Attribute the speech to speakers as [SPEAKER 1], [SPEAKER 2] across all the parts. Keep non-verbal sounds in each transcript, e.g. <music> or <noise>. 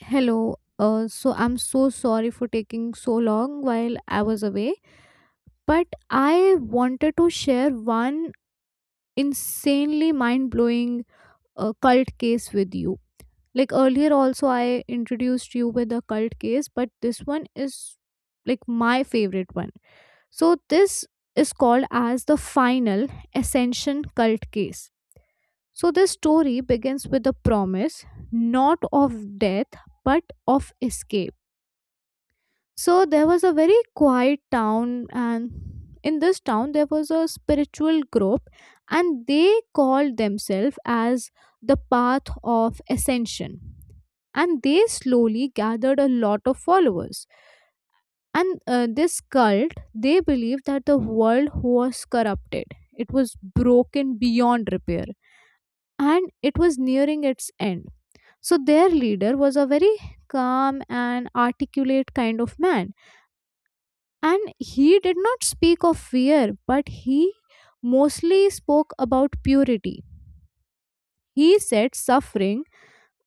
[SPEAKER 1] Hello. So I'm so sorry for taking so long while I was away, but I wanted to share one insanely mind blowing cult case with you. Like earlier, also, I introduced you with a cult case, but this one is like my favorite one. So, this is called as the final ascension cult case. So, this story begins with the promise not of death but of escape. So there was a very quiet town, and in this town, there was a spiritual group, and they called themselves as the Path of Ascension. And they slowly gathered a lot of followers. And This cult, they believed that the world was corrupted, it was broken beyond repair, and it was nearing its end. So their leader was a very calm and articulate kind of man and he did not speak of fear, but he mostly spoke about purity. He said suffering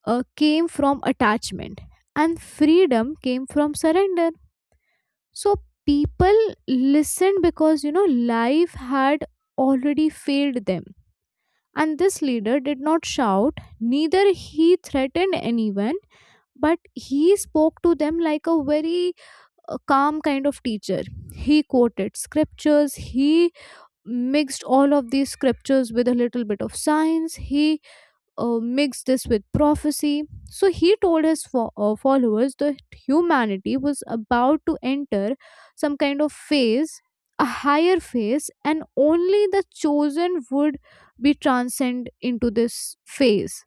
[SPEAKER 1] came from attachment and freedom came from surrender. So people listened because you know life had already failed them. And this leader did not shout, neither he threatened anyone, but he spoke to them like a very calm kind of teacher. He quoted scriptures, he mixed all of these scriptures with a little bit of science. He mixed this with prophecy. So he told his followers that humanity was about to enter some kind of phase, a higher phase, and only the chosen would be transcend into this phase.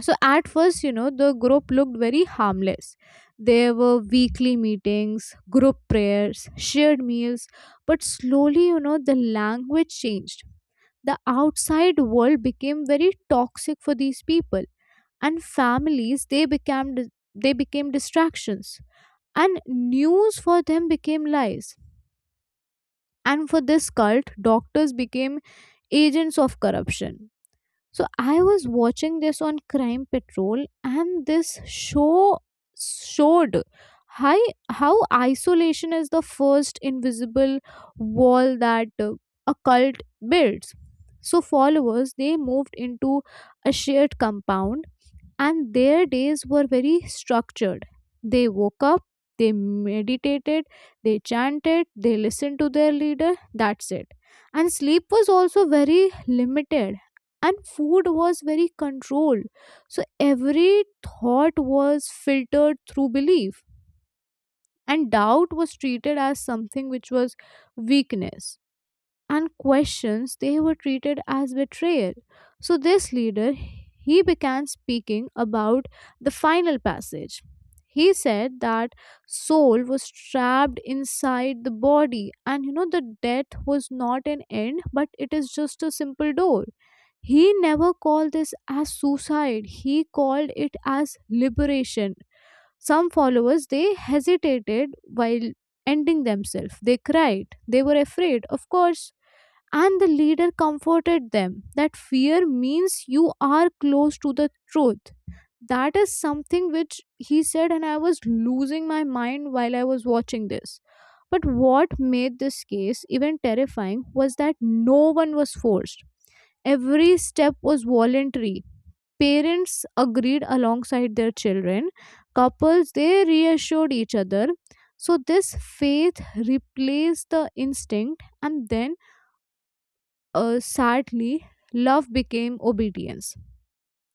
[SPEAKER 1] So at first, you know, the group looked very harmless. There were weekly meetings, group prayers, shared meals, but slowly, you know, the language changed. The outside world became very toxic for these people, and families they became distractions, and news for them became lies. And for this cult, doctors became agents of corruption. So I was watching this on Crime Patrol, and this show showed how, how isolation is the first invisible wall that a cult builds. So followers they moved into a shared compound and their days were very structured. They woke up, they meditated, they chanted, they listened to their leader, that's it. And sleep was also very limited, and food was very controlled. So every thought was filtered through belief, and doubt was treated as something which was weakness and questions, they were treated as betrayal. So this leader, he began speaking about the final passage. He said that soul was trapped inside the body and you know the death was not an end but it is just a simple door. He never called this as suicide. He called it as liberation. Some followers they hesitated while ending themselves. They cried. They were afraid. Of course, and the leader comforted them that fear means you are close to the truth. That is something which he said, and I was losing my mind while I was watching this. But what made this case even terrifying was that no one was forced. Every step was voluntary. Parents agreed alongside their children. Couples they reassured each other. So this faith replaced the instinct and then sadly, love became obedience.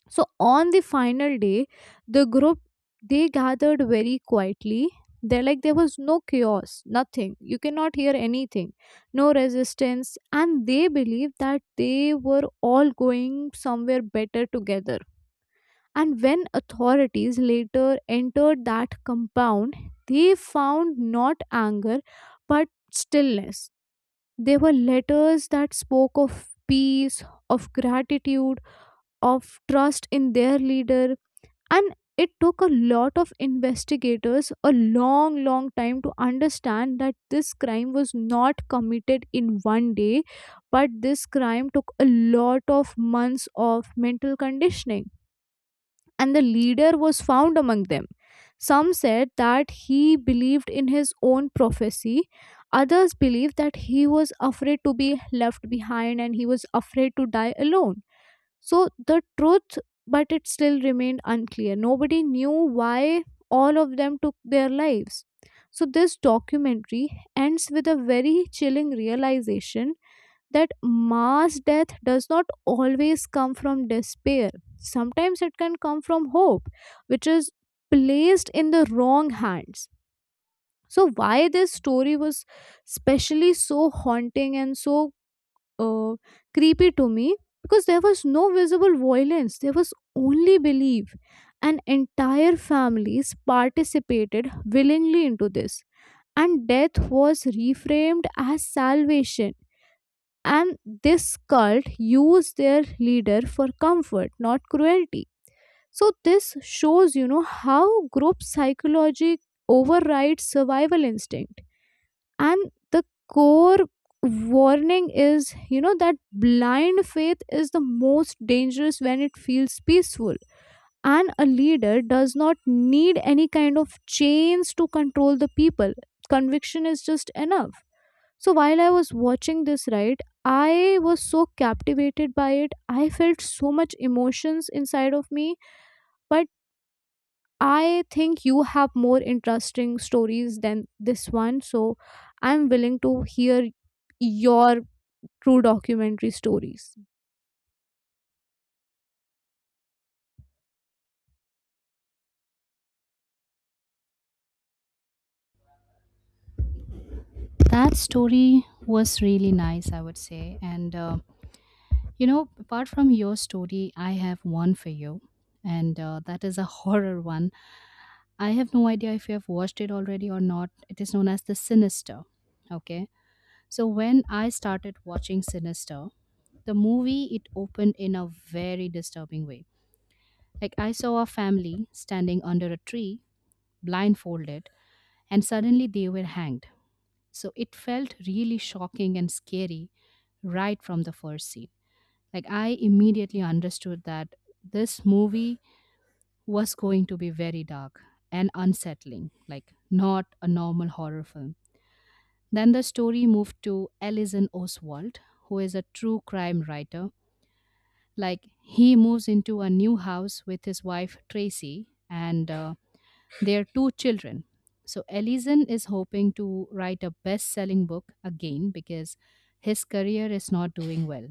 [SPEAKER 1] So on the final day, the group they gathered very quietly. They are like there was no chaos, nothing. You cannot hear anything, no resistance, and they believed that they were all going somewhere better together. And when authorities later entered that compound, they found not anger but stillness. There were letters that spoke of peace, of gratitude, of trust in their leader, and it took a lot of investigators a long, long time to understand that this crime was not committed in one day, but this crime took a lot of months of mental conditioning and the leader was found among them. Some said that he believed in his own prophecy. Others believed that he was afraid to be left behind and he was afraid to die alone. So the truth, but it still remained unclear. Nobody knew why all of them took their lives. So this documentary ends with a very chilling realization that mass death does not always come from despair. Sometimes it can come from hope, which is placed in the wrong hands. So, why this story was specially so haunting and so uh, creepy to me? Because there was no visible violence, there was only belief. And entire families participated willingly into this. And death was reframed as salvation and this cult used their leader for comfort not cruelty. So this shows you know how group psychology overrides survival instinct and the core warning is you know that blind faith is the most dangerous when it feels peaceful and a leader does not need any kind of chains to control the people. Conviction is just enough. So while I was watching this, right, I was so captivated by it. I felt so much emotions inside of me. But I think you have more interesting stories than this one. So I'm willing to hear your true documentary stories.
[SPEAKER 2] That story was really nice, I would say. Apart from your story, I have one for you. And that is a <laughs> horror one. I have no idea if you have watched it already or not. It is known as The Sinister. Okay. So when I started watching Sinister, the movie it opened in a very disturbing way, like I saw a family standing under a tree blindfolded, and suddenly they were hanged. So it felt really shocking and scary right from the first scene. Like I immediately understood that this movie was going to be very dark and unsettling, like not a normal horror film. Then the story moved to Ellison Oswald, who is a true crime writer. Like he moves into a new house with his wife Tracy and their two children. So Ellison is hoping to write a best-selling book again because his career is not doing well.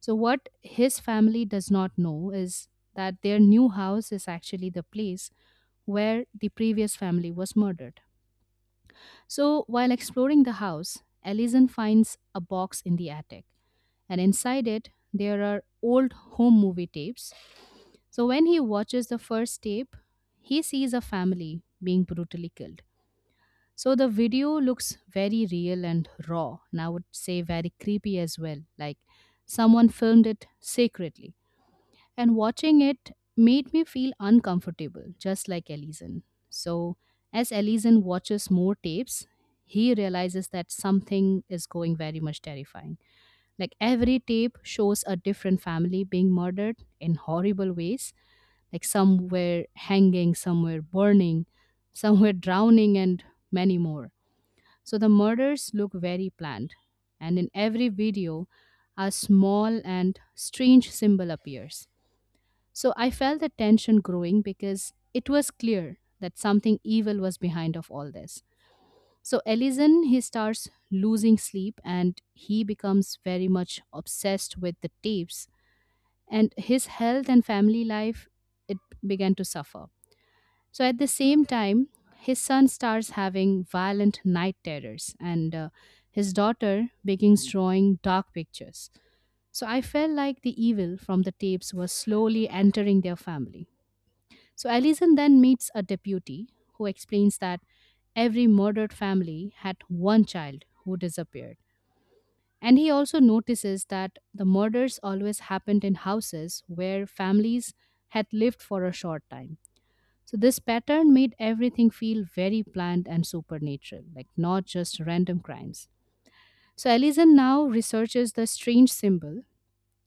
[SPEAKER 2] So what his family does not know is that their new house is actually the place where the previous family was murdered. So while exploring the house, Ellison finds a box in the attic, and inside it there are old home movie tapes. So when he watches the first tape, he sees a family being brutally killed. So the video looks very real and raw, and I would say very creepy as well. Like someone filmed it secretly. And watching it made me feel uncomfortable, just like Ellison. So, as Ellison watches more tapes, he realizes that something is going very much terrifying. Like every tape shows a different family being murdered in horrible ways, like somewhere hanging, somewhere burning, somewhere drowning, and many more. So the murders look very planned, and in every video, a small and strange symbol appears. So I felt the tension growing because it was clear that something evil was behind of all this. So Ellison he starts losing sleep and he becomes very much obsessed with the tapes, and his health and family life it began to suffer. So at the same time, his son starts having violent night terrors, and his daughter begins drawing dark pictures. So I felt like the evil from the tapes was slowly entering their family. So Alison then meets a deputy who explains that every murdered family had one child who disappeared. And he also notices that the murders always happened in houses where families had lived for a short time. So this pattern made everything feel very planned and supernatural, like not just random crimes. So Ellison now researches the strange symbol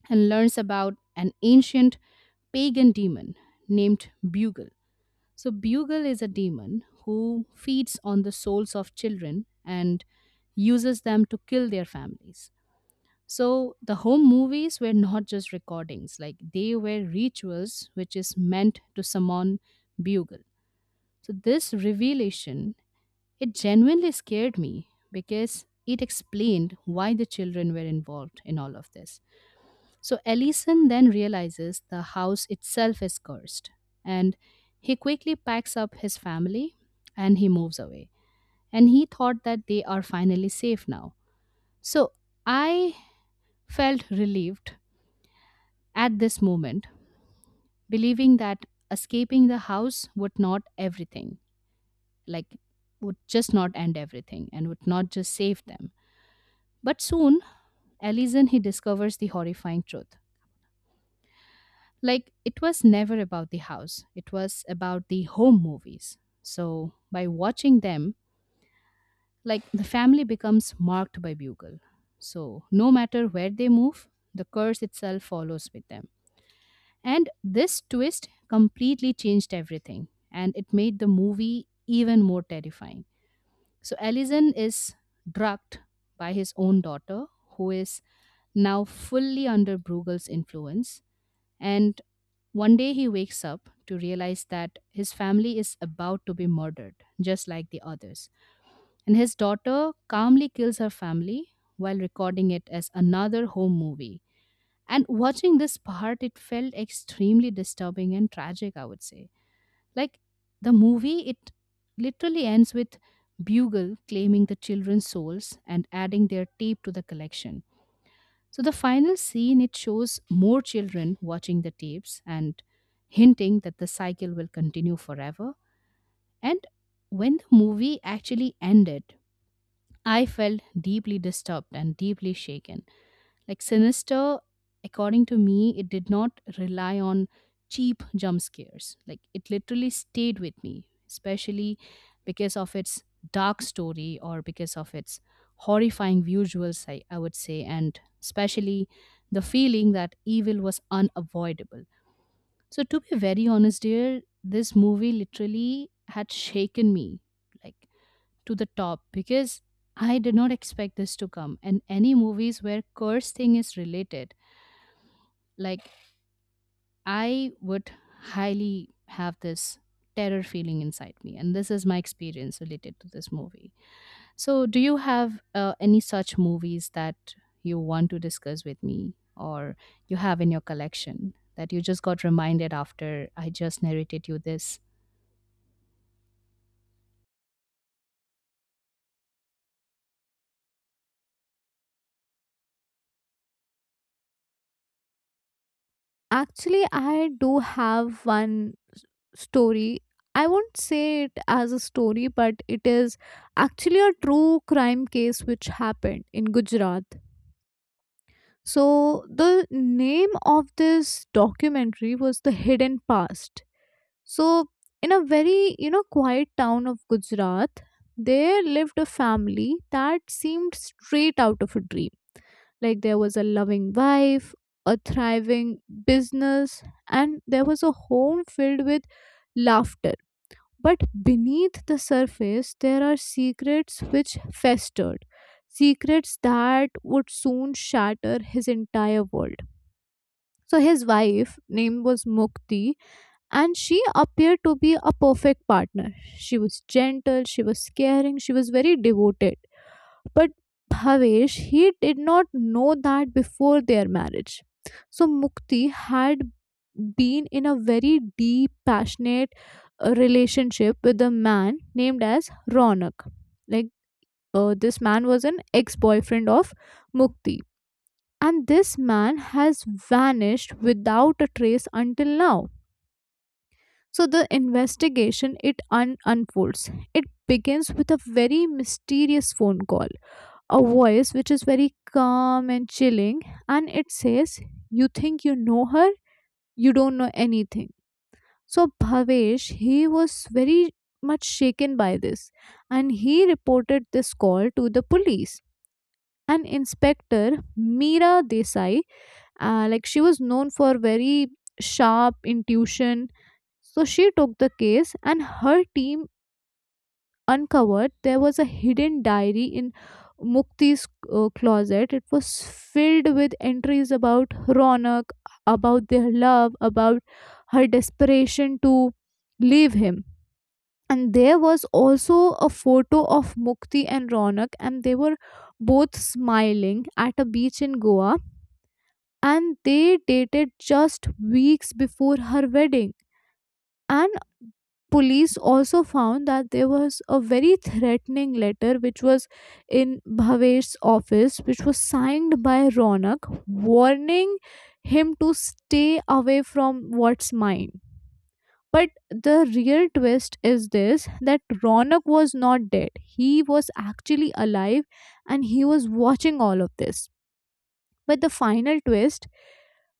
[SPEAKER 2] and learns about an ancient pagan demon named Bugle. So Bugle is a demon who feeds on the souls of children and uses them to kill their families. So the home movies were not just recordings, like they were rituals which is meant to summon Bugle. So this revelation, it genuinely scared me because it explained why the children were involved in all of this. So Ellison then realizes the house itself is cursed and he quickly packs up his family and he moves away. And he thought that they are finally safe now. So I felt relieved at this moment, believing that escaping the house would not everything, like would just not end everything and would not just save them. But soon, Ellison he discovers the horrifying truth. Like it was never about the house. It was about the home movies. So by watching them, like the family becomes marked by Bugle. So no matter where they move, the curse itself follows with them. And this twist completely changed everything and it made the movie even more terrifying. So Ellison is drugged by his own daughter, who is now fully under Bruegel's influence. And one day he wakes up to realize that his family is about to be murdered, just like the others. And his daughter calmly kills her family while recording it as another home movie. And watching this part, it felt extremely disturbing and tragic, I would say. Like the movie, it literally ends with Bugle claiming the children's souls and adding their tape to the collection. So the final scene it shows more children watching the tapes and hinting that the cycle will continue forever. And when the movie actually ended, I felt deeply disturbed and deeply shaken, like Sinister, according to me, it did not rely on cheap jump scares. Like it literally stayed with me, especially because of its dark story or because of its horrifying visuals, I would say, and especially the feeling that evil was unavoidable. So, to be very honest, dear, this movie literally had shaken me. Like, to the top, because I did not expect this to come. And any movies where curse thing is related, like I would highly have this terror feeling inside me. And this is my experience related to this movie. So, do you have any such movies that you want to discuss with me or you have in your collection that you just got reminded after I just narrated you this?
[SPEAKER 1] Actually, I do have one story. I won't say it as a story, but it is actually a true crime case which happened in Gujarat. So, the name of this documentary was The Hidden Past. So, in a very, you know, quiet town of Gujarat, there lived a family that seemed straight out of a dream. Like, there was a loving wife, a thriving business, and there was a home filled with laughter. But beneath the surface, there are secrets which festered, secrets that would soon shatter his entire world. So his wife name was Mukti and she appeared to be a perfect partner. She was gentle, she was caring, she was very devoted. But Bhavesh he did not know that before their marriage. So Mukti had been in a very deep passionate relationship with a man named as Ronak. Like this man was an ex-boyfriend of Mukti and this man has vanished without a trace until now. So the investigation it unfolds. It begins with a very mysterious phone call, a voice which is very calm and chilling, and it says you think you know her, you don't know anything. So Bhavesh he was very much shaken by this and he reported this call to the police. An inspector, Meera Desai. Like she was known for very sharp intuition. So she took the case, and her team uncovered there was a hidden diary in Mukti's closet. It was filled with entries about Ronak, about their love, about her desperation to leave him. And there was also a photo of Mukti and Ronak, and they were both smiling at a beach in Goa and they dated just weeks before her wedding. And police also found that there was a very threatening letter which was in Bhavesh's office, which was signed by Ronak, warning him to stay away from what's mine. But the real twist is this that Ronak was not dead. He was actually alive and he was watching all of this. But the final twist,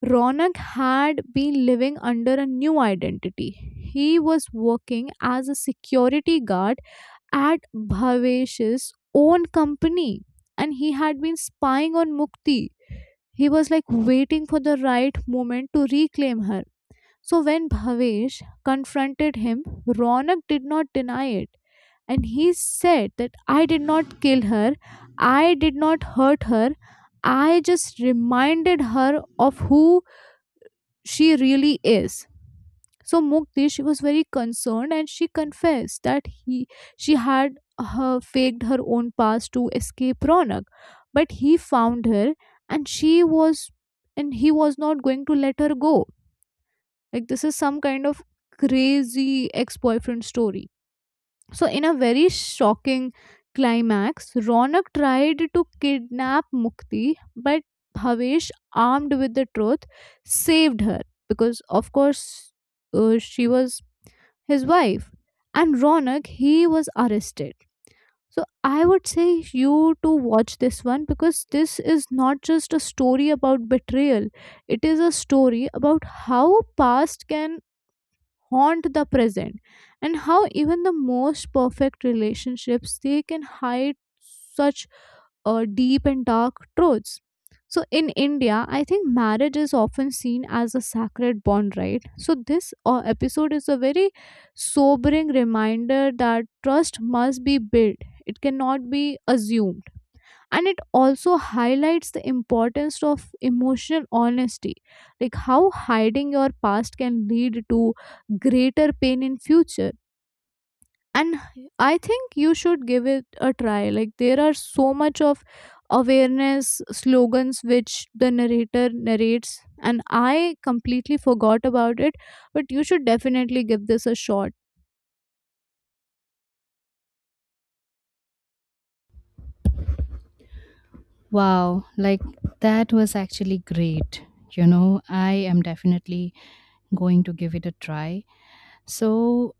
[SPEAKER 1] Ronak had been living under a new identity. He was working as a security guard at Bhavesh's own company and he had been spying on Mukti. He was like waiting for the right moment to reclaim her. So when Bhavesh confronted him, Ronak did not deny it and he said that I did not kill her, I did not hurt her, I just reminded her of who she really is. So Mukti, she was very concerned and she confessed that he she had her faked her own past to escape Ronak. But he found her and she was and he was not going to let her go. Like this is some kind of crazy ex-boyfriend story. So, in a very shocking climax, Ronak tried to kidnap Mukti, but Bhavesh, armed with the truth, saved her because, of course, she was his wife. And Ronak, he was arrested. So, I would say you to watch this one because this is not just a story about betrayal, it is a story about how past can haunt the present and how even the most perfect relationships they can hide such deep and dark truths. So in India, I think marriage is often seen as a sacred bond, right? So this episode is a very sobering reminder that trust must be built, it cannot be assumed. And it also highlights the importance of emotional honesty, like how hiding your past can lead to greater pain in future. And I think you should give it a try. Like, there are so much of awareness slogans which the narrator narrates, and I completely forgot about it, but you should definitely give this a shot.
[SPEAKER 2] Wow, like that was actually great. You know, I am definitely going to give it a try. So,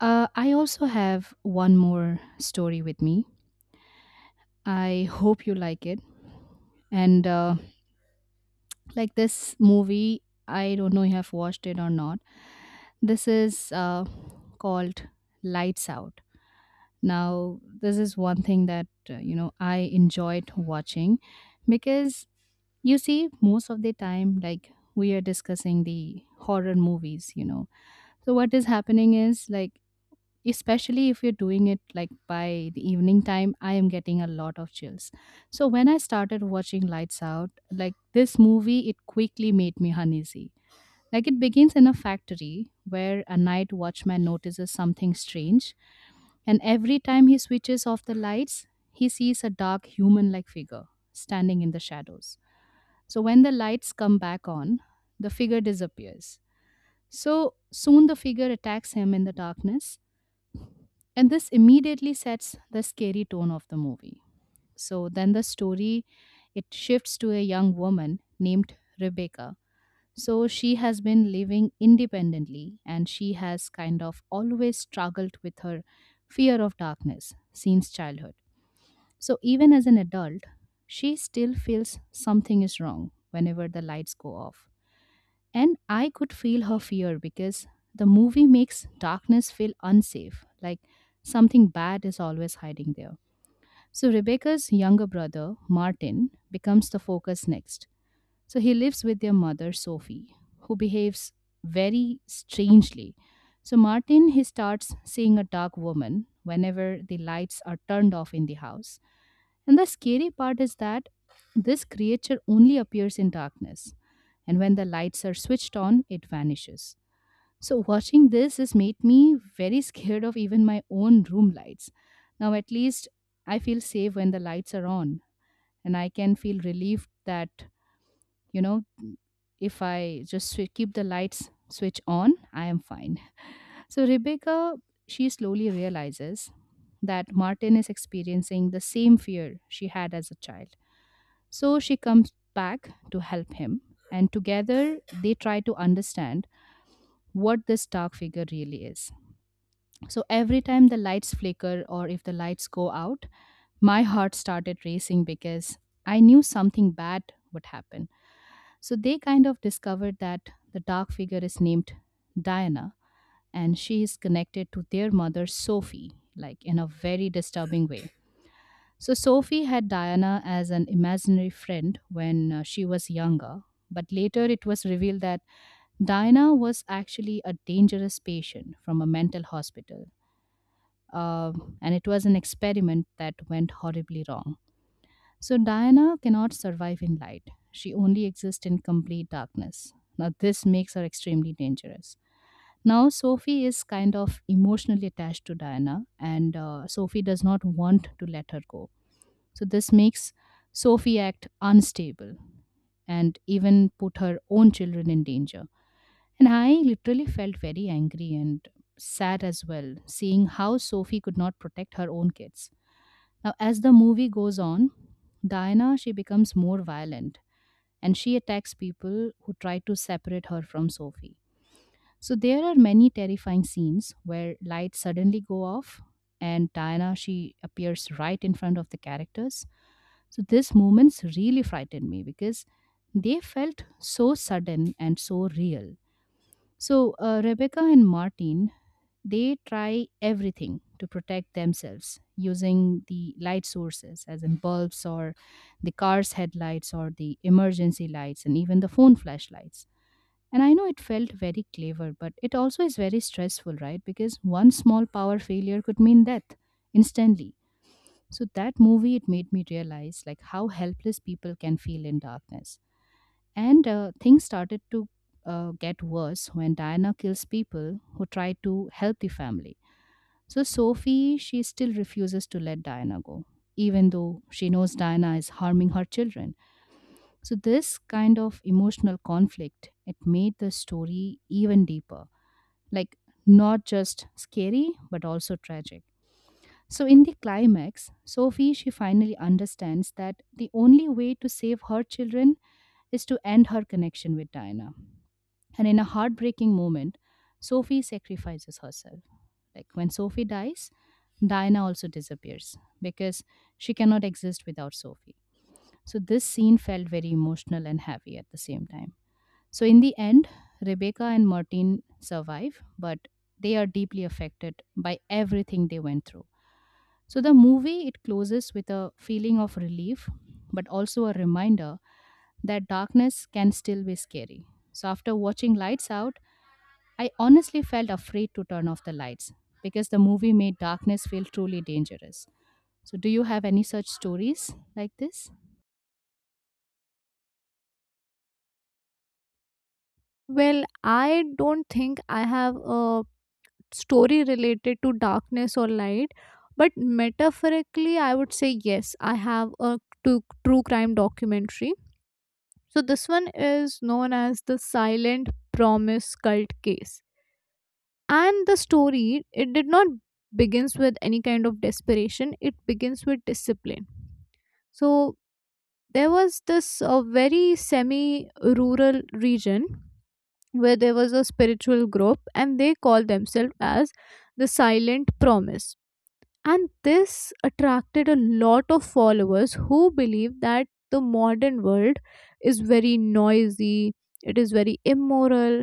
[SPEAKER 2] I also have one more story with me. I hope you like it. And like this movie, I don't know if you have watched it or not. This is called Lights Out. Now, this is one thing that, you know, I enjoyed watching because you see most of the time, like we are discussing the horror movies, you know. So what is happening is, like, especially if you're doing it like by the evening time, I am getting a lot of chills. So when I started watching Lights Out, like this movie it quickly made me uneasy. Like it begins in a factory where a night watchman notices something strange, and every time he switches off the lights, he sees a dark human like figure standing in the shadows. So when the lights come back on, the figure disappears. So soon the figure attacks him in the darkness, and this immediately sets the scary tone of the movie. So then the story it shifts to a young woman named Rebecca. So she has been living independently and she has kind of always struggled with her fear of darkness since childhood. So even as an adult, she still feels something is wrong whenever the lights go off, and I could feel her fear because the movie makes darkness feel unsafe, like something bad is always hiding there. So Rebecca's younger brother, Martin, becomes the focus next. So he lives with their mother, Sophie, who behaves very strangely. So Martin, he starts seeing a dark woman whenever the lights are turned off in the house. And the scary part is that this creature only appears in darkness, and when the lights are switched on, it vanishes. So, watching this has made me very <laughs> scared of even my own room lights. Now, at least I feel safe when the lights are on, and I can feel relieved that, you know, if I just keep the lights switch on, I am fine. <laughs> So, Rebecca, she slowly realizes that Martin is experiencing the same fear she had as a child. So, she comes back to help him, and together they try to understand what this dark figure really is. So every time the lights flicker or if the lights go out, my heart started racing because I knew something bad would happen. So they kind of discovered that the dark figure is named Diana, and she is connected to their mother Sophie, like in a very disturbing way. So Sophie had Diana as an imaginary friend when she was younger, but later it was revealed that Diana was actually a dangerous patient from a mental hospital, uh, and it was an experiment that went horribly wrong. So, Diana cannot survive in light, she only exists in complete darkness. Now, this makes her extremely dangerous. Now, Sophie is kind of emotionally attached to Diana, and Sophie does not want to let her go. So, this makes Sophie act unstable and even put her own children in danger. And I literally felt very angry and sad as well, seeing how Sophie could not protect her own kids. Now, as the movie goes on, Diana she becomes more violent and she attacks people who try to separate her from Sophie. So there are many terrifying scenes where lights suddenly go off and Diana she appears right in front of the characters. So these moments really frightened me because they felt so sudden and so real. So, Rebecca and Martin, they try everything to protect themselves using the light sources, as in bulbs or the car's headlights or the emergency lights and even the phone flashlights. And I know it felt very clever, but it also is very stressful, right? Because one small power failure could mean death instantly. So that movie it made me realize like how helpless people can feel in darkness. And things started to get worse when Diana kills people who try to help the family. So Sophie, she still refuses to let Diana go, even though she knows Diana is harming her children. So this kind of emotional conflict, it made the story even deeper. Like not just scary, but also tragic. So in the climax, Sophie she finally understands that the only way to save her children is to end her connection with Diana. And in a heartbreaking moment, Sophie sacrifices herself. Like when Sophie dies, Diana also disappears because she cannot exist without Sophie. So this scene felt very emotional and heavy at the same time. So in the end, Rebecca and Martin survive, but they are deeply affected by everything they went through. So the movie it closes with a feeling of relief, but also a reminder that darkness can still be scary. So after watching Lights Out, I honestly felt afraid to turn off the lights because the movie made darkness feel truly dangerous. So, do you have any such stories like this?
[SPEAKER 1] Well, I don't think I have a story related to darkness or light, but metaphorically I would say yes, I have a true crime documentary. So this one is known as The Silent Promise cult case, and the story, it did not begins with any kind of desperation, it begins with discipline. So there was this very semi rural region where there was a spiritual group, and they called themselves as The Silent Promise. And this attracted a lot of followers who believe that the modern world is very noisy, it is very immoral,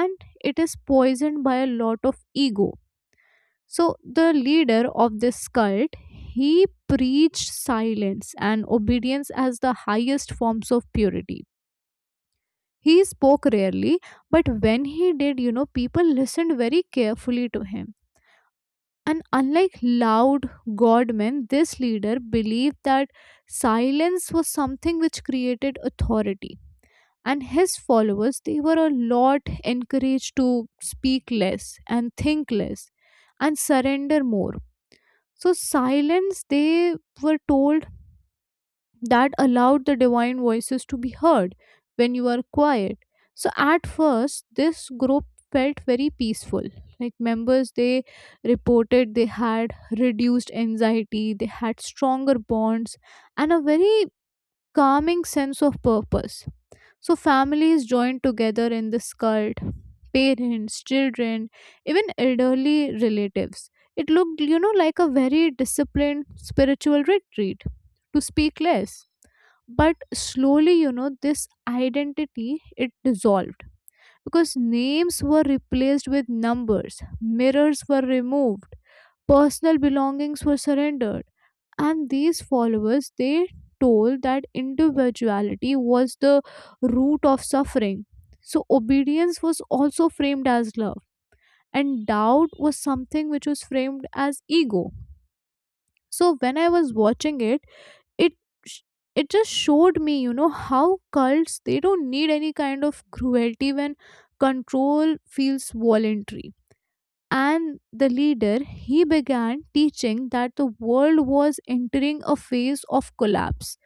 [SPEAKER 1] and it is poisoned by a lot of ego. So, the leader of this cult, he preached silence and obedience as the highest forms of purity. He spoke rarely, but when he did, you know, people listened very carefully to him. And unlike loud godmen, this leader believed that silence was something which created authority. And his followers, they were a lot encouraged to speak less and think less and surrender more. So silence, they were told, that allowed the divine voices to be heard when you are quiet. So at first, this group felt very peaceful. Like, members, they reported they had reduced anxiety, they had stronger bonds and a very calming sense of purpose. So families joined together in this cult, parents, children, even elderly relatives. It looked, you know, like a very disciplined spiritual retreat to speak less. But slowly, you know, this identity it dissolved because names were replaced with numbers, mirrors were removed, personal belongings were surrendered, and these followers, they told that individuality was the root of suffering. So obedience was also framed as love, and doubt was something which was framed as ego. So when I was watching it, it sh- it just showed me, you know, how cults they don't need any kind of cruelty when control feels voluntary. And the leader, he began teaching that the world was entering a phase of collapse,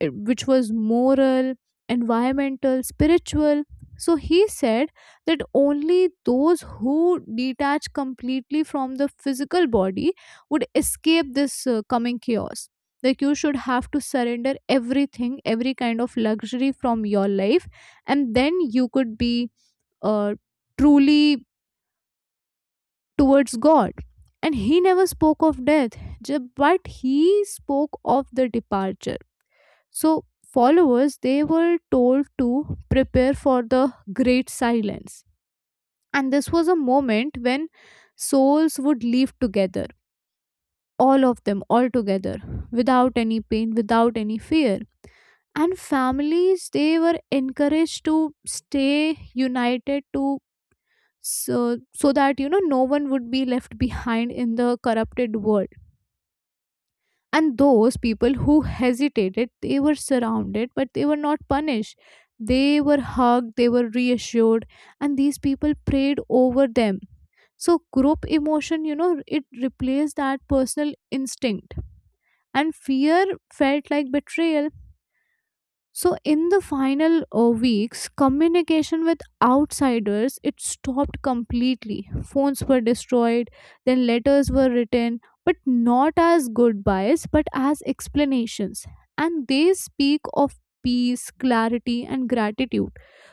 [SPEAKER 1] which was moral, environmental, spiritual. So he said that only those who detach completely from the physical body would escape this coming chaos. Like, you should have to surrender everything, every kind of luxury from your life, and then you could be uh, truly towards God. And he never spoke of death, but he spoke of the departure. So followers, they were told to prepare for the great silence. And this was a moment when souls would leave together, all of them all together, without any pain, without any fear. And families, they were encouraged to stay united to, so that, you know, no one would be left behind in the corrupted world. And those people who hesitated, they were surrounded, but they were not punished. They were hugged, they were reassured, and these people prayed over them. So group emotion, you know, it replaced that personal instinct, and fear felt like betrayal. So in the final weeks, communication with outsiders it stopped completely. Phones were destroyed, then letters were written, but not as goodbyes, but as explanations. And they speak of peace, clarity, and gratitude.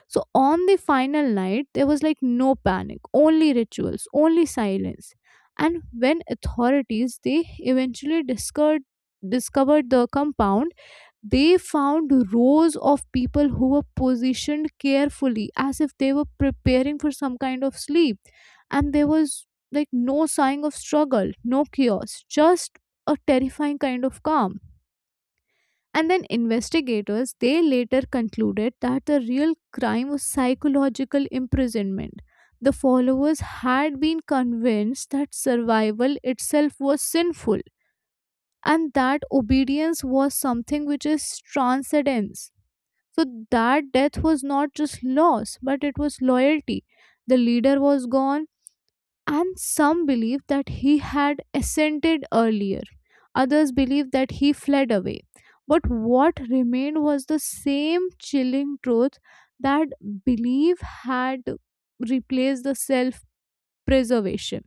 [SPEAKER 1] So on the final night, there was like no panic, only rituals, only silence. And when authorities they eventually discovered the compound, they found rows of people who were positioned carefully as if they were preparing for some kind of sleep. And there was like no sign of struggle, no chaos, just a terrifying kind of calm. And then investigators, they later concluded that the real crime was psychological imprisonment. The followers had been convinced that survival itself was sinful and that obedience was something which is transcendence, so that death was not just loss, but it was loyalty. The leader was gone, and some believe that he had ascended earlier. Others believe that he fled away. But what remained was the same chilling truth, that belief had replaced the self preservation.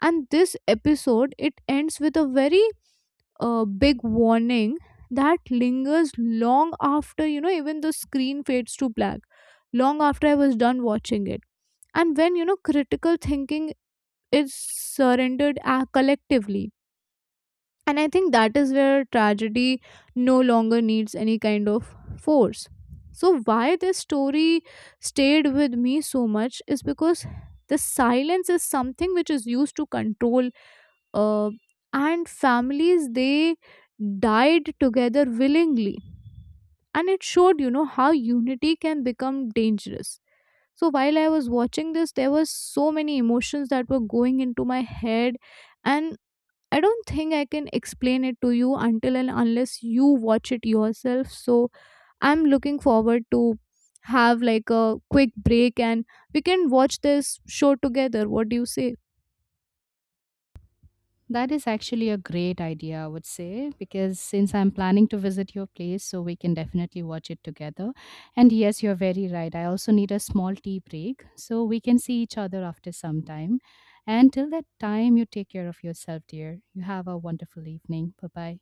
[SPEAKER 1] And this episode, it ends with a very big warning that lingers long after, you know, even the screen fades to black, long after I was done watching it. And when, you know, critical thinking is surrendered collectively, and I think that is where tragedy no longer needs any kind of force. So why this story stayed with me so much is because the silence is something which is used to control, uh, and families, they died together willingly, and it showed, you know, how unity can become dangerous. So while I was watching this, there were so many emotions that were going into my head, and I don't think I can explain it to you until and unless you watch it yourself. So I'm looking forward to have like a quick break, and we can watch this show together. What do you say?
[SPEAKER 2] That is actually a great idea, I would say, because since I'm planning to visit your place, so we can definitely watch it together. And yes, you're very right. I also need a small tea break, so we can see each other after some time. And till that time, you take care of yourself, dear. You have a wonderful evening. Bye bye.